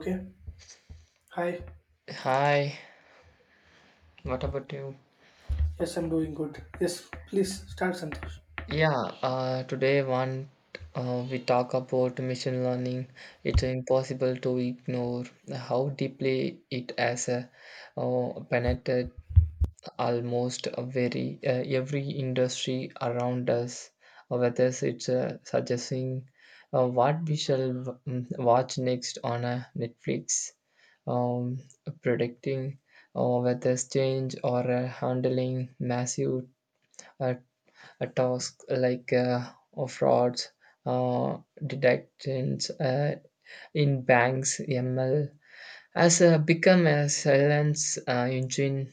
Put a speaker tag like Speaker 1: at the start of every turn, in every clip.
Speaker 1: Okay. Hi.
Speaker 2: Hi, what about you?
Speaker 1: Yes, I'm doing good. Yes, please start, Santosh.
Speaker 2: Yeah, today one we talk about machine learning. It's impossible to ignore how deeply it has penetrated almost a very every industry around us. Whether it's suggesting what we shall watch next on Netflix, um, predicting weather's change or handling massive uh, a task like frauds, uh, detections in banks, ML has become a silence engine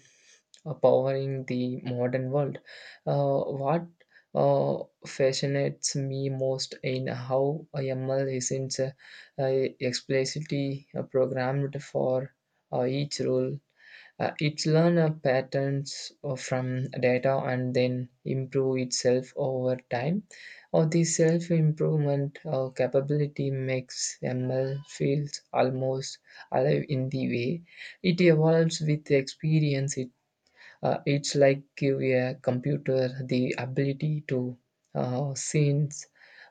Speaker 2: powering the modern world. What fascinates me most in how ML isn't explicitly programmed for each role it learn patterns from data and then improve itself over time. Or the self improvement capability makes ML feels almost alive in the way it evolves with experience. It's like give a computer the ability to sense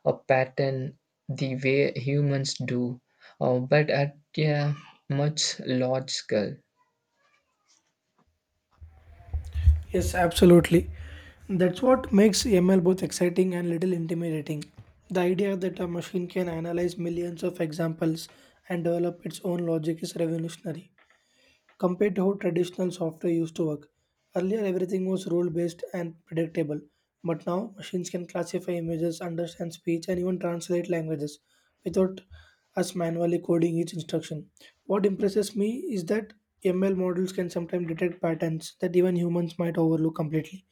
Speaker 2: a pattern the way humans do, but at a much large scale.
Speaker 1: Yes, absolutely. That's what makes ML both exciting and little intimidating. The idea that a machine can analyze millions of examples and develop its own logic is revolutionary, compared to how traditional software used to work. Earlier, everything was rule based and predictable, but now machines can classify images, understand speech, and even translate languages without us manually coding each instruction. What impresses me is that ML models can sometimes detect patterns that even humans might overlook completely.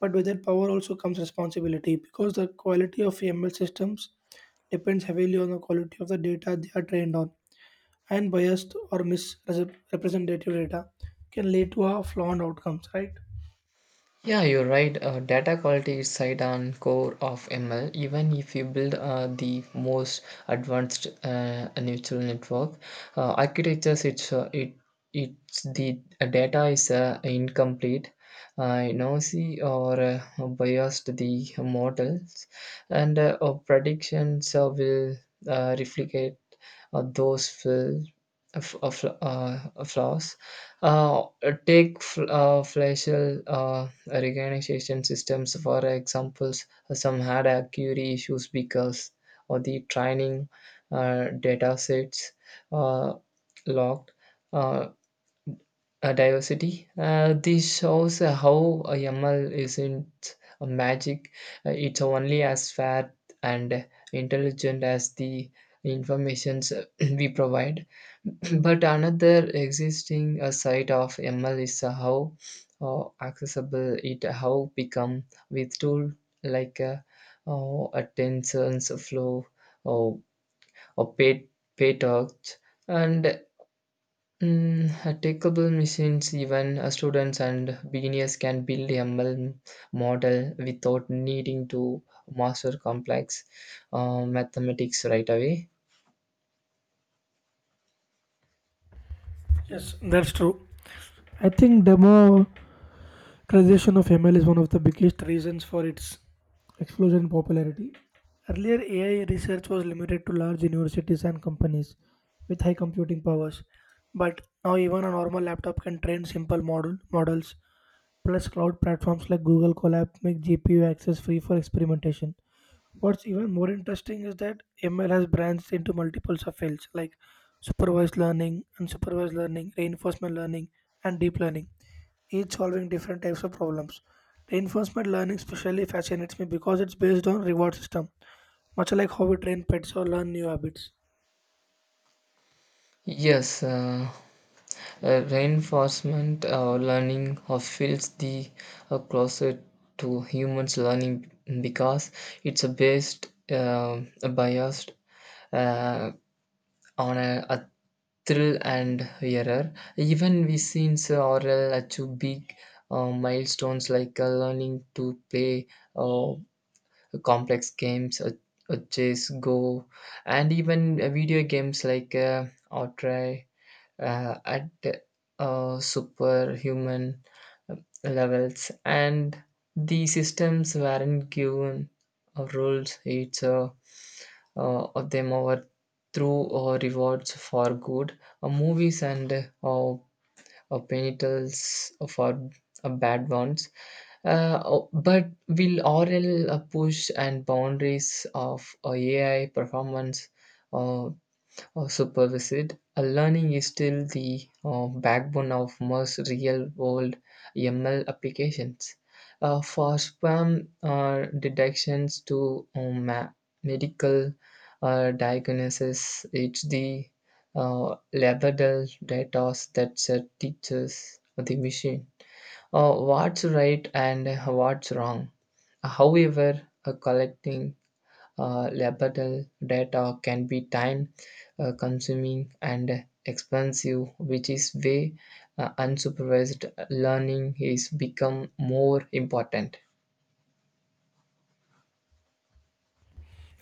Speaker 1: But with that power also comes responsibility, because the quality of ML systems depends heavily on the quality of the data they are trained on, and biased or misrepresentative data can lead to a flawed outcomes, right?
Speaker 2: Yeah, you're right. Data quality is side and core of ML. Even if you build the most advanced neural network architectures, it's the data is incomplete, noisy or biased the models, and predictions will replicate those fill of flaws. Uh, take facial recognition systems, for examples, some had accuracy issues because of the training data sets uh, locked. Uh, Diversity. This shows how ML isn't a magic, it's only as fair and intelligent as the informations we provide. But another existing side of ML is how accessible it how become with tool like a tensors flow or, or pay talk and Mm, takeable machines, even students and beginners can build ML model without needing to master complex mathematics right away.
Speaker 1: Yes, that's true. I think democratization of ml is one of the biggest reasons for its explosion in popularity. Earlier, ai research was limited to large universities and companies with high computing powers, but now even a normal laptop can train simple models. Plus, cloud platforms like Google Colab make gpu access free for experimentation. What's even more interesting is that ML has branched into multiples of fields like supervised learning, unsupervised learning, reinforcement learning, and deep learning, each solving different types of problems. Reinforcement learning especially fascinates me because it's based on reward system, much like how we train pets or learn new habits.
Speaker 2: Yes, reinforcement learning feels the closer to humans learning because it's based biased uh, on a thrill and error. Even we since oral achieve big milestones like learning to play uh, complex games, chess, go, and even video games like Outright, at Superhuman levels and the systems weren't given rules it's of them over through rewards for good movies and uh, penitents for bad ones oh, but will oral push and boundaries of AI performance uh, or supervisit. Learning is still the backbone of most real world ML applications. For spam detections to medical diagnosis, it's the labrador data that teaches the machine what's right and what's wrong. However, collecting labeled data can be time consuming and expensive, which is why unsupervised learning is become more important.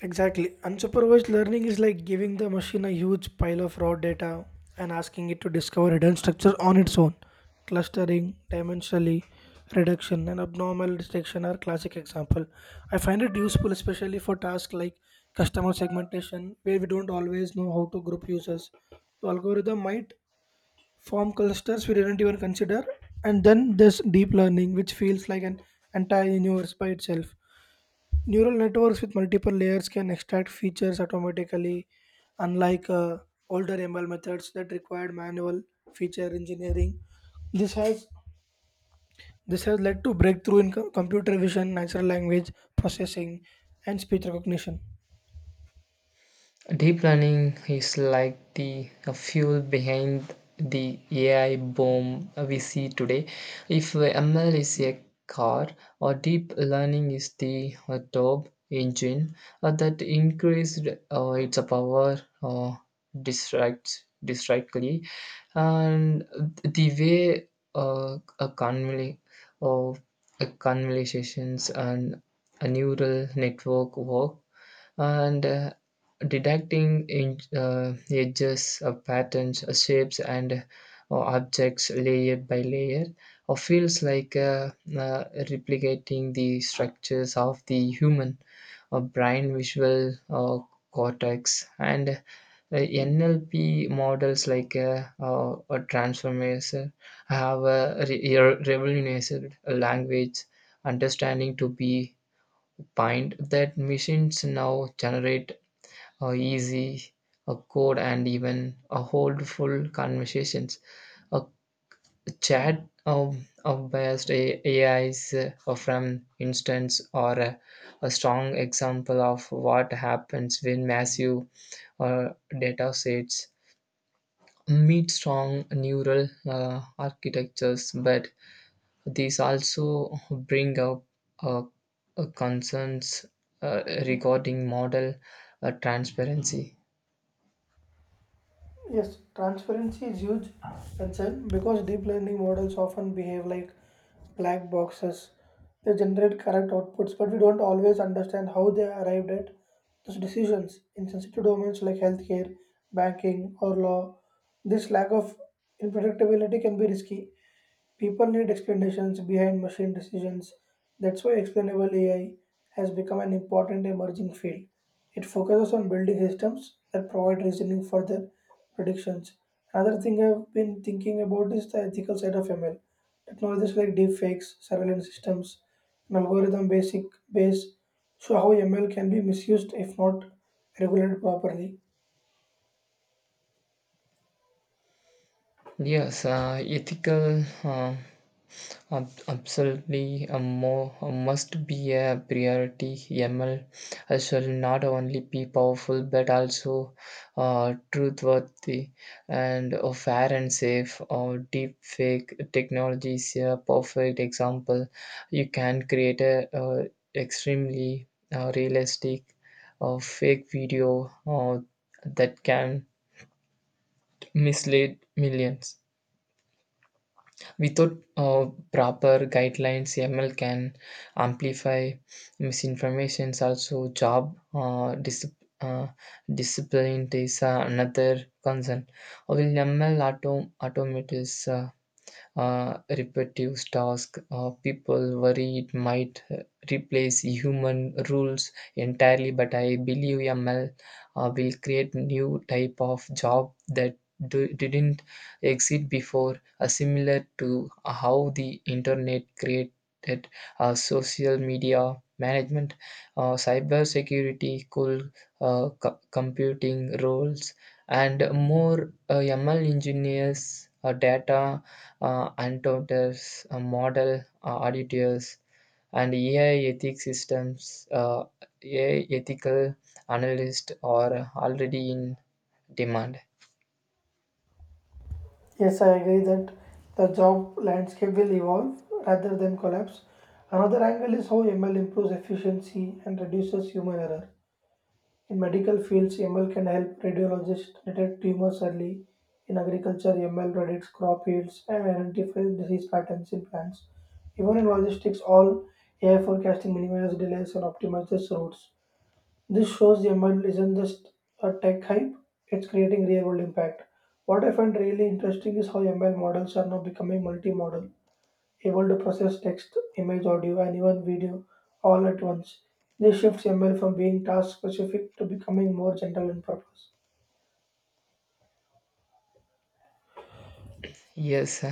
Speaker 1: Exactly. Unsupervised learning is like giving the machine a huge pile of raw data and asking it to discover hidden structures on its own. Clustering, dimensionally, reduction, and abnormal detection are classic example. I find it useful especially for tasks like customer segmentation, where we don't always know how to group users. The algorithm might form clusters we didn't even consider. And then there's deep learning, which feels like an entire universe by itself. Neural networks with multiple layers can extract features automatically, unlike older ML methods that required manual feature engineering. This has this has led to breakthrough in computer vision, natural language processing, and speech recognition.
Speaker 2: Deep learning is like the fuel behind the AI boom we see today. If ML is a car, or deep learning is the top engine that increased its power distractly, and the way a convol- of conversations and a neural network work and detecting in, edges, patterns, shapes, and objects layer by layer or feels like replicating the structures of the human brain visual cortex and NLP models like a transformation have a revolutionized language understanding to be bind that machines now generate or easy, a code, and even a holdful conversations. A chat of AIs from instance or a strong example of what happens when massive uh, data sets meet strong neural architectures, but these also bring up uh, concerns regarding model transparency.
Speaker 1: Yes, transparency is huge concern because deep learning models often behave like black boxes. They generate correct outputs, but we don't always understand how they arrived at those decisions in sensitive domains like healthcare, banking, or law. This lack of unpredictability can be risky. People need explanations behind machine decisions. That's why explainable AI has become an important emerging field. It focuses on building systems that provide reasoning for their predictions. Another thing I've been thinking about is the ethical side of ML. Technologies like deepfakes, surveillance systems, and algorithm basic base show how ML can be misused if not regulated properly.
Speaker 2: Yes, ethical absolutely a more a must be a priority. ML shall not only be powerful but also truthworthy and fair and safe. Or deep fake technology is a perfect example. You can create a extremely realistic fake video that can mislead millions. Without proper guidelines, ML can amplify misinformations. Also, job uh, discipline is another concern. Will ML automate is repetitive tasks. People worry it might replace human rules entirely, but I believe ML will create new type of job that didn't exist before, similar to how the internet created social media management, cyber security, computing roles, and more ML engineers, data encounters, model auditors, and AI ethics systems, AI ethical analysts are already in demand.
Speaker 1: Yes, I agree that the job landscape will evolve rather than collapse. Another angle is how ML improves efficiency and reduces human error. In medical fields, ML can help radiologists detect tumors early. In agriculture, ML predicts crop yields and identifies disease patterns in plants. Even in logistics, all AI forecasting minimizes delays and optimizes routes. This shows the environment isn't just a tech hype, it's creating real world impact. What I find really interesting is how ML models are now becoming multimodal, able to process text, image, audio, and even video all at once. This shifts ML from being task specific to becoming more general in purpose.
Speaker 2: Yes,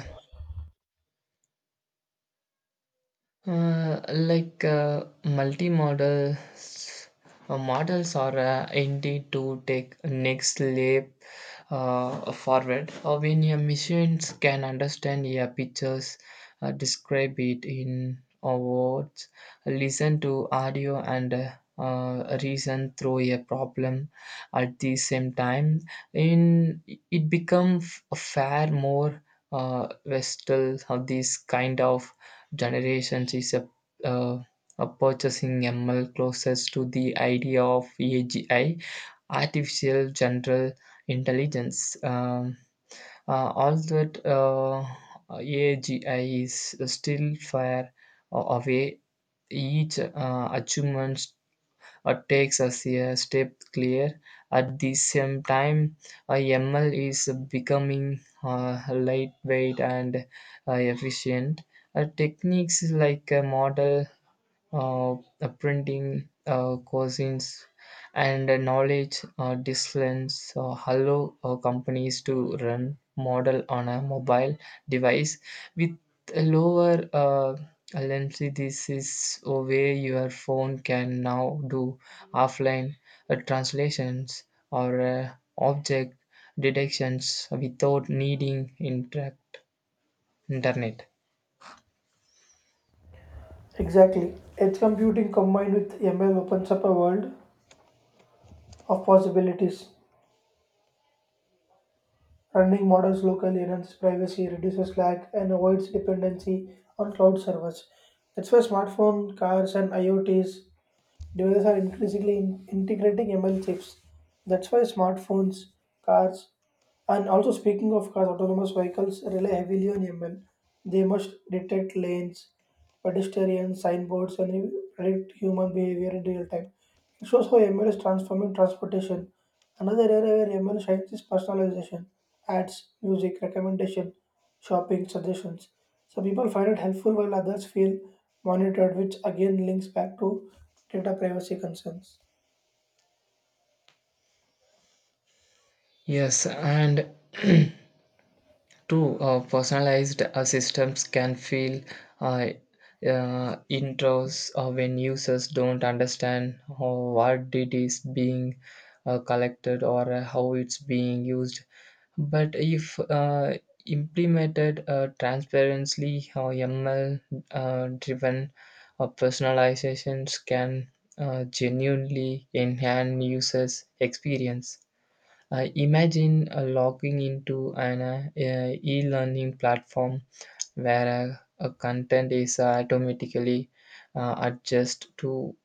Speaker 2: Like multi-models models are indeed to take next leap forward when your machines can understand your pictures describe it in words listen to audio and reason through a problem at the same time in it becomes far more versatile of this kind of generations is uh, a purchasing ML closest to the idea of AGI, artificial general intelligence. All that AGI is still far away. Each achievement takes us a step clear. At the same time, ML is becoming lightweight and efficient. Techniques like a model printing cousins and knowledge disciplines allow companies to run model on a mobile device with a lower latency. This is a way your phone can now do offline translations or object detections without needing interact internet.
Speaker 1: Exactly. Edge computing combined with ML opens up a world of possibilities. Running models locally enhances privacy, reduces lag, and avoids dependency on cloud servers. That's why smartphone, cars, and IoTs devices are increasingly integrating ML chips. That's why smartphones, cars, and also, speaking of cars, autonomous vehicles rely heavily on ML. They must detect lanes, pedestrians, signboards, and predict human behavior in real time. It shows how ML is transforming transportation. Another area where ML shines is personalization, ads, music, recommendation, shopping, suggestions. So people find it helpful while others feel monitored, which again links back to data privacy concerns.
Speaker 2: Yes, and true, personalized systems can feel uh, intros when users don't understand how, what it is being collected or how it's being used. But if implemented transparently, ML-driven uh, driven personalizations can genuinely enhance users' experience. I imagine logging into an e learning platform where a content is automatically adjusted to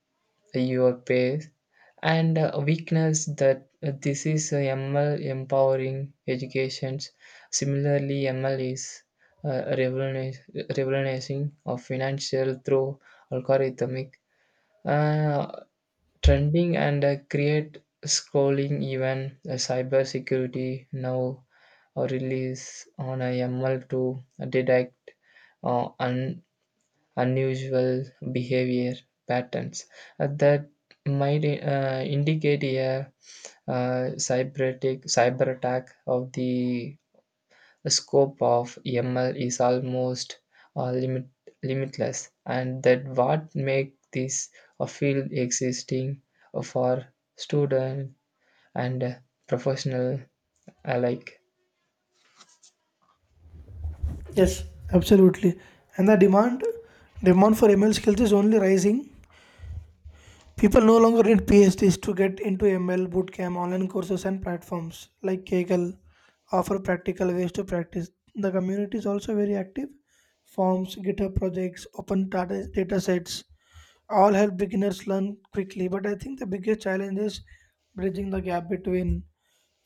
Speaker 2: your pace and weakness that this is ML empowering educations. Similarly, ML is revolutionizing of financial through algorithmic uh, trending and create scrolling even cyber security now or release on a ML to detect uh, un- unusual behavior patterns that might indicate a cyber attack of the scope of ML is almost uh, limit, limitless, and that what make this a field existing for student and professional alike.
Speaker 1: Yes, absolutely. And the demand for ML skills is only rising. People no longer need PhDs to get into ML bootcamp, online courses, and platforms like Kaggle offer practical ways to practice. The community is also very active. Forms, GitHub projects, open data, data sets all help beginners learn quickly. But I think the biggest challenge is bridging the gap between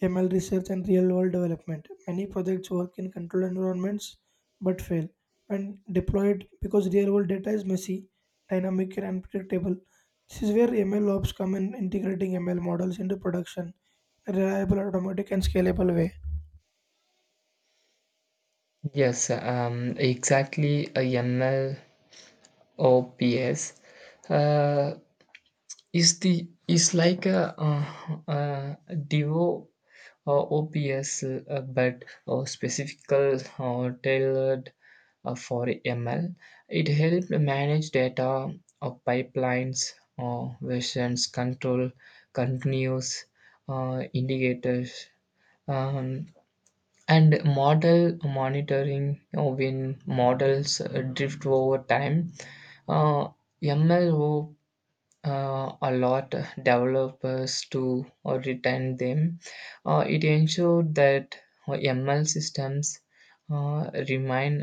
Speaker 1: ML research and real world development. Many projects work in controlled environments, but fail when deployed because real world data is messy, dynamic, and unpredictable. This is where ML ops come in, integrating ML models into production in a reliable, automatic, and scalable way.
Speaker 2: Yes, exactly. AML or PS, uh, is like a Divo or OPS, but or specifical or tailored for ML. It helps manage data of pipelines or versions, control continuous indicators. Um, and model monitoring when models drift over time. Uh, MLO allowed developers to retain them. It ensured that ML systems remain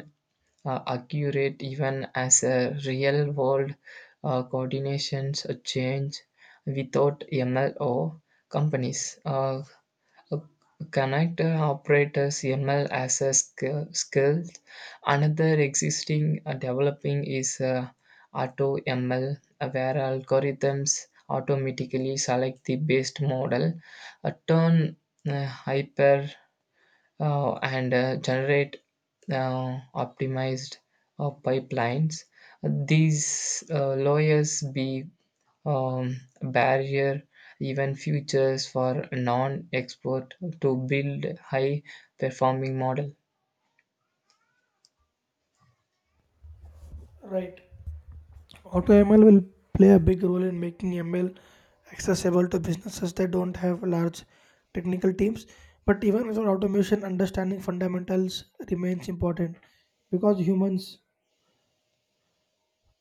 Speaker 2: accurate even as real world coordinations change without MLO companies. Connector operators ML as a skill. Another existing developing is Auto ML, where algorithms automatically select the best model, turn hyper and generate optimized pipelines. These lawyers be barrier, even futures for non-export to build high-performing model.
Speaker 1: Right. Auto ML will play a big role in making ML accessible to businesses that don't have large technical teams. But even without automation, understanding fundamentals remains important because humans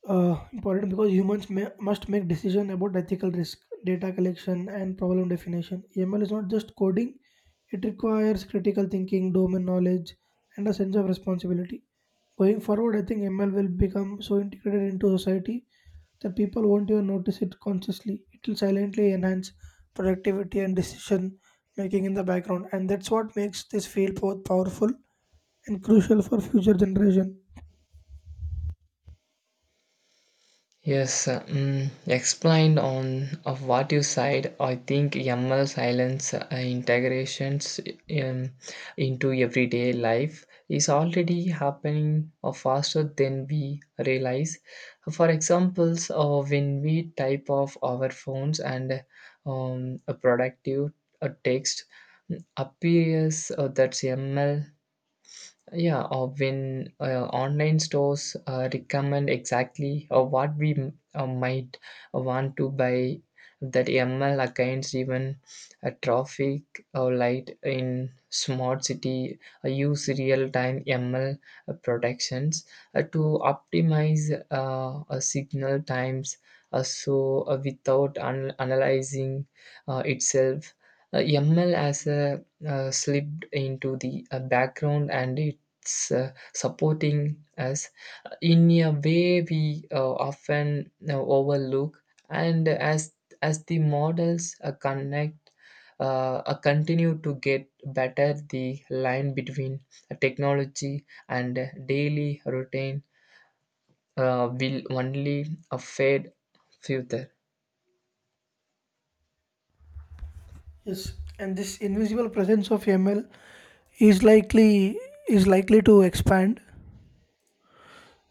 Speaker 1: because humans must make decision about ethical risk, data collection, and problem definition. ML is not just coding, it requires critical thinking, domain knowledge, and a sense of responsibility. Going forward, I think ML will become so integrated into society that people won't even notice it consciously. It will silently enhance productivity and decision making in the background, and that's what makes this field both powerful and crucial for future generation.
Speaker 2: Yes, explained on of what you said. I think YAML silence integrations um, into everyday life is already happening faster than we realize. For examples, when we type of our phones and a productive text appears that's YAML, yeah, when online stores recommend exactly what might want to buy, that ML accounts even a traffic light in smart city use real time ML protections to optimize signal times. So without analyzing itself, ML as a slipped into the background and s- uh, supporting us in a way we often overlook and as the models connect continue to get better the line between technology and daily routine will only fade further.
Speaker 1: Yes, and this invisible presence of ML is likely is likely to expand,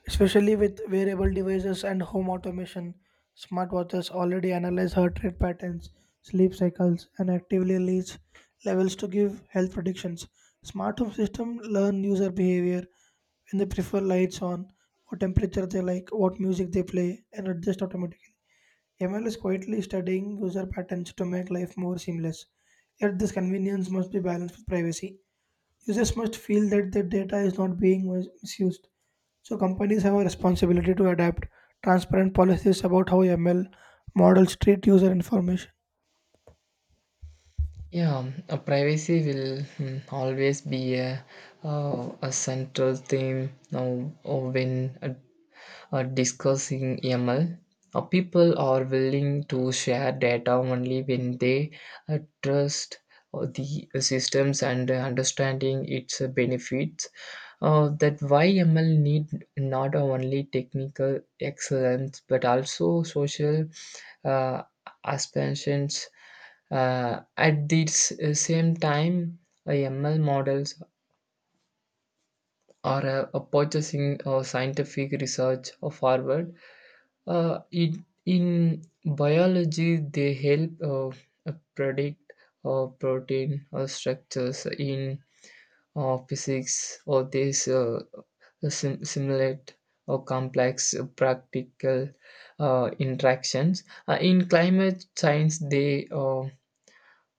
Speaker 1: especially with wearable devices and home automation. Smartwatches already analyze heart rate patterns, sleep cycles, and actively release levels to give health predictions. Smart home systems learn user behavior, when they prefer lights on, what temperature they like, what music they play, and adjust automatically. ML is quietly studying user patterns to make life more seamless. Yet this convenience must be balanced with privacy. Users must feel that their data is not being misused. So companies have a responsibility to adapt transparent policies about how ML models treat user information.
Speaker 2: Yeah, privacy will always be a central theme now when discussing ML. People are willing to share data only when they trust the systems and understanding its benefits. That why ML need not only technical excellence but also social uh, aspirations at the same time, ML models are purchasing scientific research forward. In biology, they help predict protein structures in physics, or they simulate or complex practical interactions. In climate science, they uh,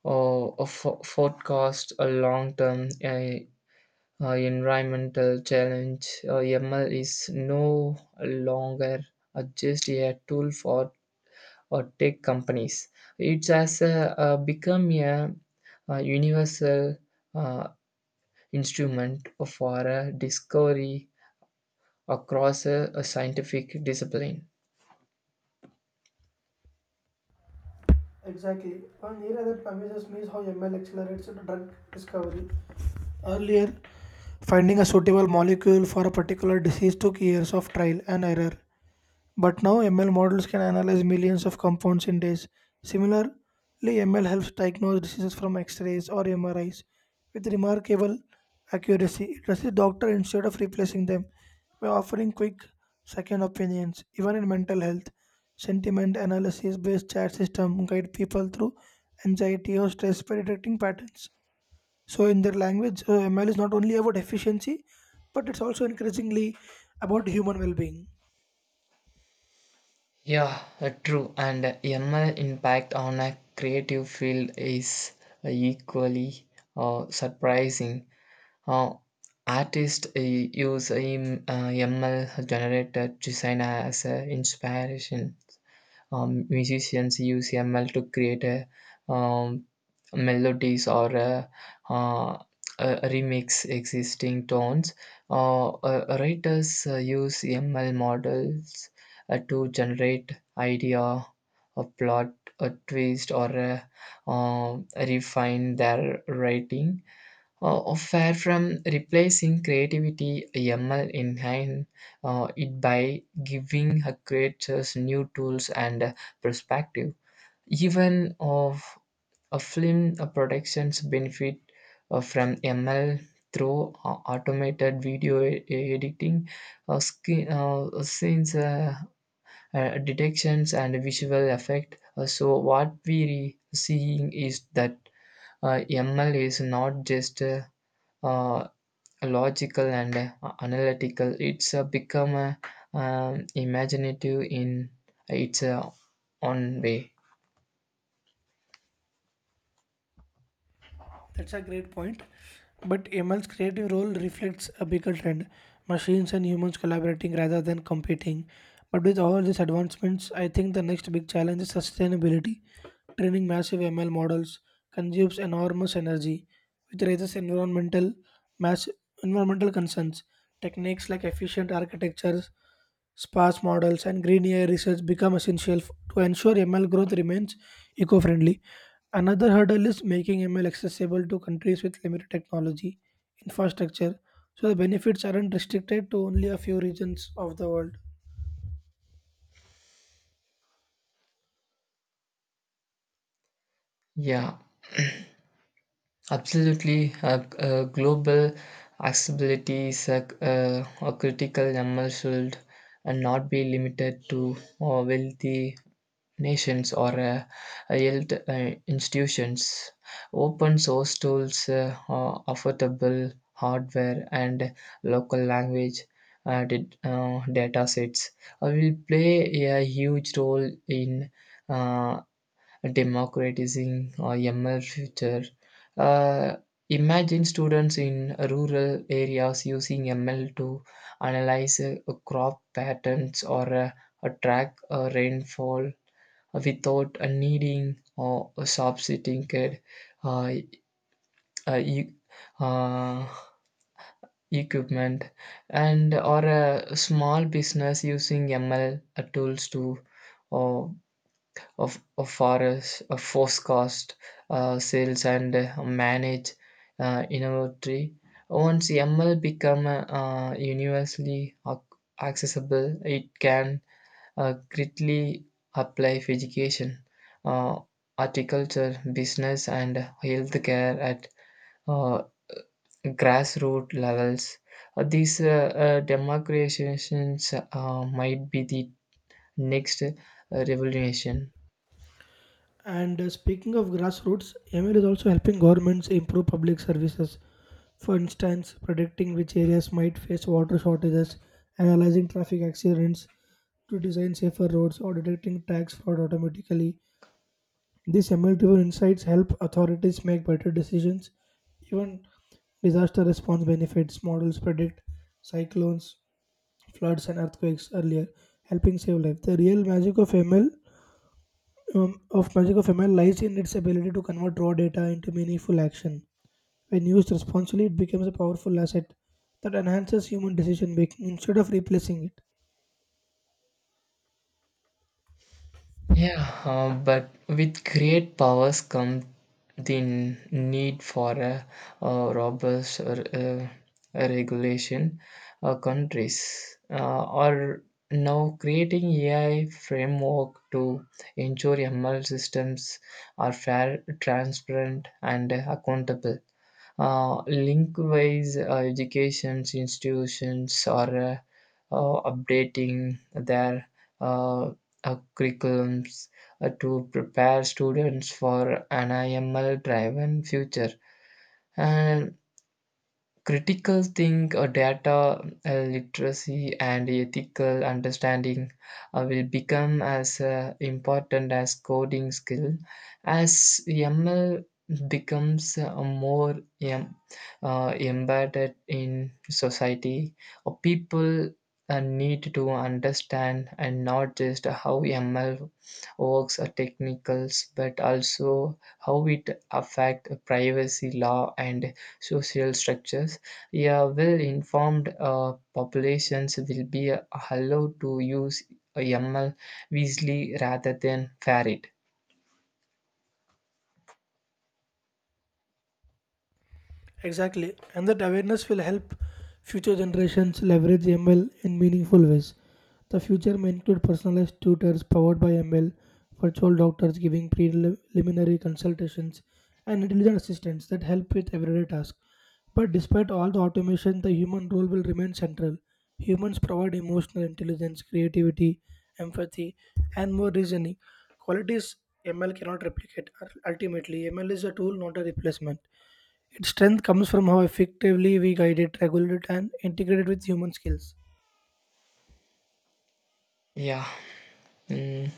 Speaker 2: Or a fo- forecast a long-term environmental challenge. ML is no longer just a tool for tech companies. It has become a universal uh, instrument for discovery across a scientific discipline.
Speaker 1: Exactly. One area that amazes me is how ML accelerates the drug discovery. Earlier, finding a suitable molecule for a particular disease took years of trial and error. But now ML models can analyze millions of compounds in days. Similarly, ML helps diagnose diseases from X-rays or MRIs with remarkable accuracy. It trusts the doctor instead of replacing them by offering quick second opinions. Even in mental health, sentiment analysis-based chat system guide people through anxiety or stress by detecting patterns. So, in their language, ML is not only about efficiency, but it's also increasingly about human well-being.
Speaker 2: Yeah, true. And ML impact on a creative field is equally surprising. Uh, artists use ML generated design as inspiration. Musicians use ML to create a um, melodies or uh, a remix existing tones writers use ML models to generate idea a plot a twist or refine their writing oh, far from replacing creativity, ML enhance it by giving her creators new tools and perspective. Even of a film productions benefit from ML through automated video editing, skin, scenes detections, and visual effect. So what we seeing is that ML is not just uh, logical and analytical. It's become imaginative in its own way.
Speaker 1: That's a great point. But A ML's creative role reflects a bigger trend: machines and humans collaborating rather than competing. But with all these advancements, I think the next big challenge is sustainability. Training massive ML models consumes enormous energy, which raises mass environmental concerns. Techniques like efficient architectures, sparse models, and green AI research become essential to ensure ML growth remains eco friendly. Another hurdle is making ML accessible to countries with limited technology infrastructure, so the benefits aren't restricted to only a few regions of the world.
Speaker 2: Yeah, absolutely. Global accessibility is a critical element should not be limited to wealthy nations or health institutions. Open source tools, affordable hardware, and local language data sets will play a huge role in uh, democratizing ML future. Uh, imagine students in rural areas using ML to analyze crop patterns or track rainfall without needing or a sophisticated uh, uh, e- uh, equipment and or a small business using ML tools to uh, of forest of forecast sales and manage inventory once ML become universally accessible it can greatly apply for education, uh, horticulture, business, and healthcare at uh, grassroots levels. These democratizations might be the next revolution.
Speaker 1: And speaking of grassroots, ML is also helping governments improve public services. For instance, predicting which areas might face water shortages, analyzing traffic accidents to design safer roads, or detecting tax fraud automatically. These multiple insights help authorities make better decisions. Even disaster response benefits: models predict cyclones, floods, and earthquakes earlier, helping save lives. The real magic of ML lies in its ability to convert raw data into meaningful action. When used responsibly, it becomes a powerful asset that enhances human decision making instead of replacing it.
Speaker 2: Yeah, but with great powers come the need for a robust or a regulation. Countries are now creating AI framework to ensure ML systems are fair, transparent, and accountable. Link-wise education institutions are updating their uh, curriculums to prepare students for an IML driven future. And critical think data literacy and ethical understanding will become as important as coding skill as ML becomes more em- embedded in society people need to understand and not just how ML works or technicals but also how it affect privacy law and social structures. Yeah, well informed populations will be allowed to use ML Weasley rather than ferret.
Speaker 1: Exactly, and that awareness will help future generations leverage ML in meaningful ways. The future may include personalized tutors powered by ML, virtual doctors giving preliminary consultations, and intelligent assistants that help with everyday tasks. But despite all the automation, the human role will remain central. Humans provide emotional intelligence, creativity, empathy, and more reasoning. Qualities ML cannot replicate. Ultimately, ML is a tool, not a replacement. Its strength comes from how effectively we guide it, regulate it, and integrate it with human skills.
Speaker 2: Yeah, mm,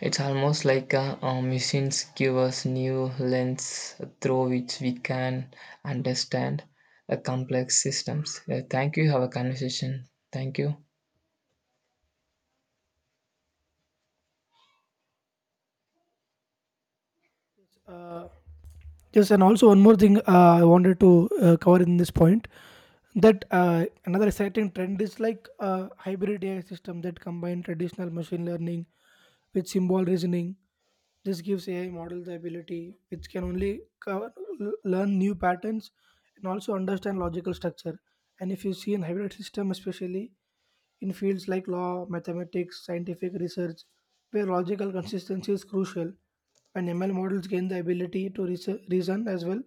Speaker 2: it's almost like machines give us new lens through which we can understand complex systems. Yeah, thank you. Have a conversation. Thank you.
Speaker 1: Yes, and also one more thing, I wanted to cover in this point, that another exciting trend is like hybrid AI system that combine traditional machine learning with symbol reasoning. This gives AI models the ability which can only cover, learn new patterns and also understand logical structure. And if you see in hybrid system, especially in fields like law, mathematics, scientific research, where logical consistency is crucial. When ML models gain the ability to reason as well,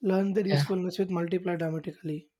Speaker 1: learn their
Speaker 2: Yeah.
Speaker 1: usefulness with multiply dramatically.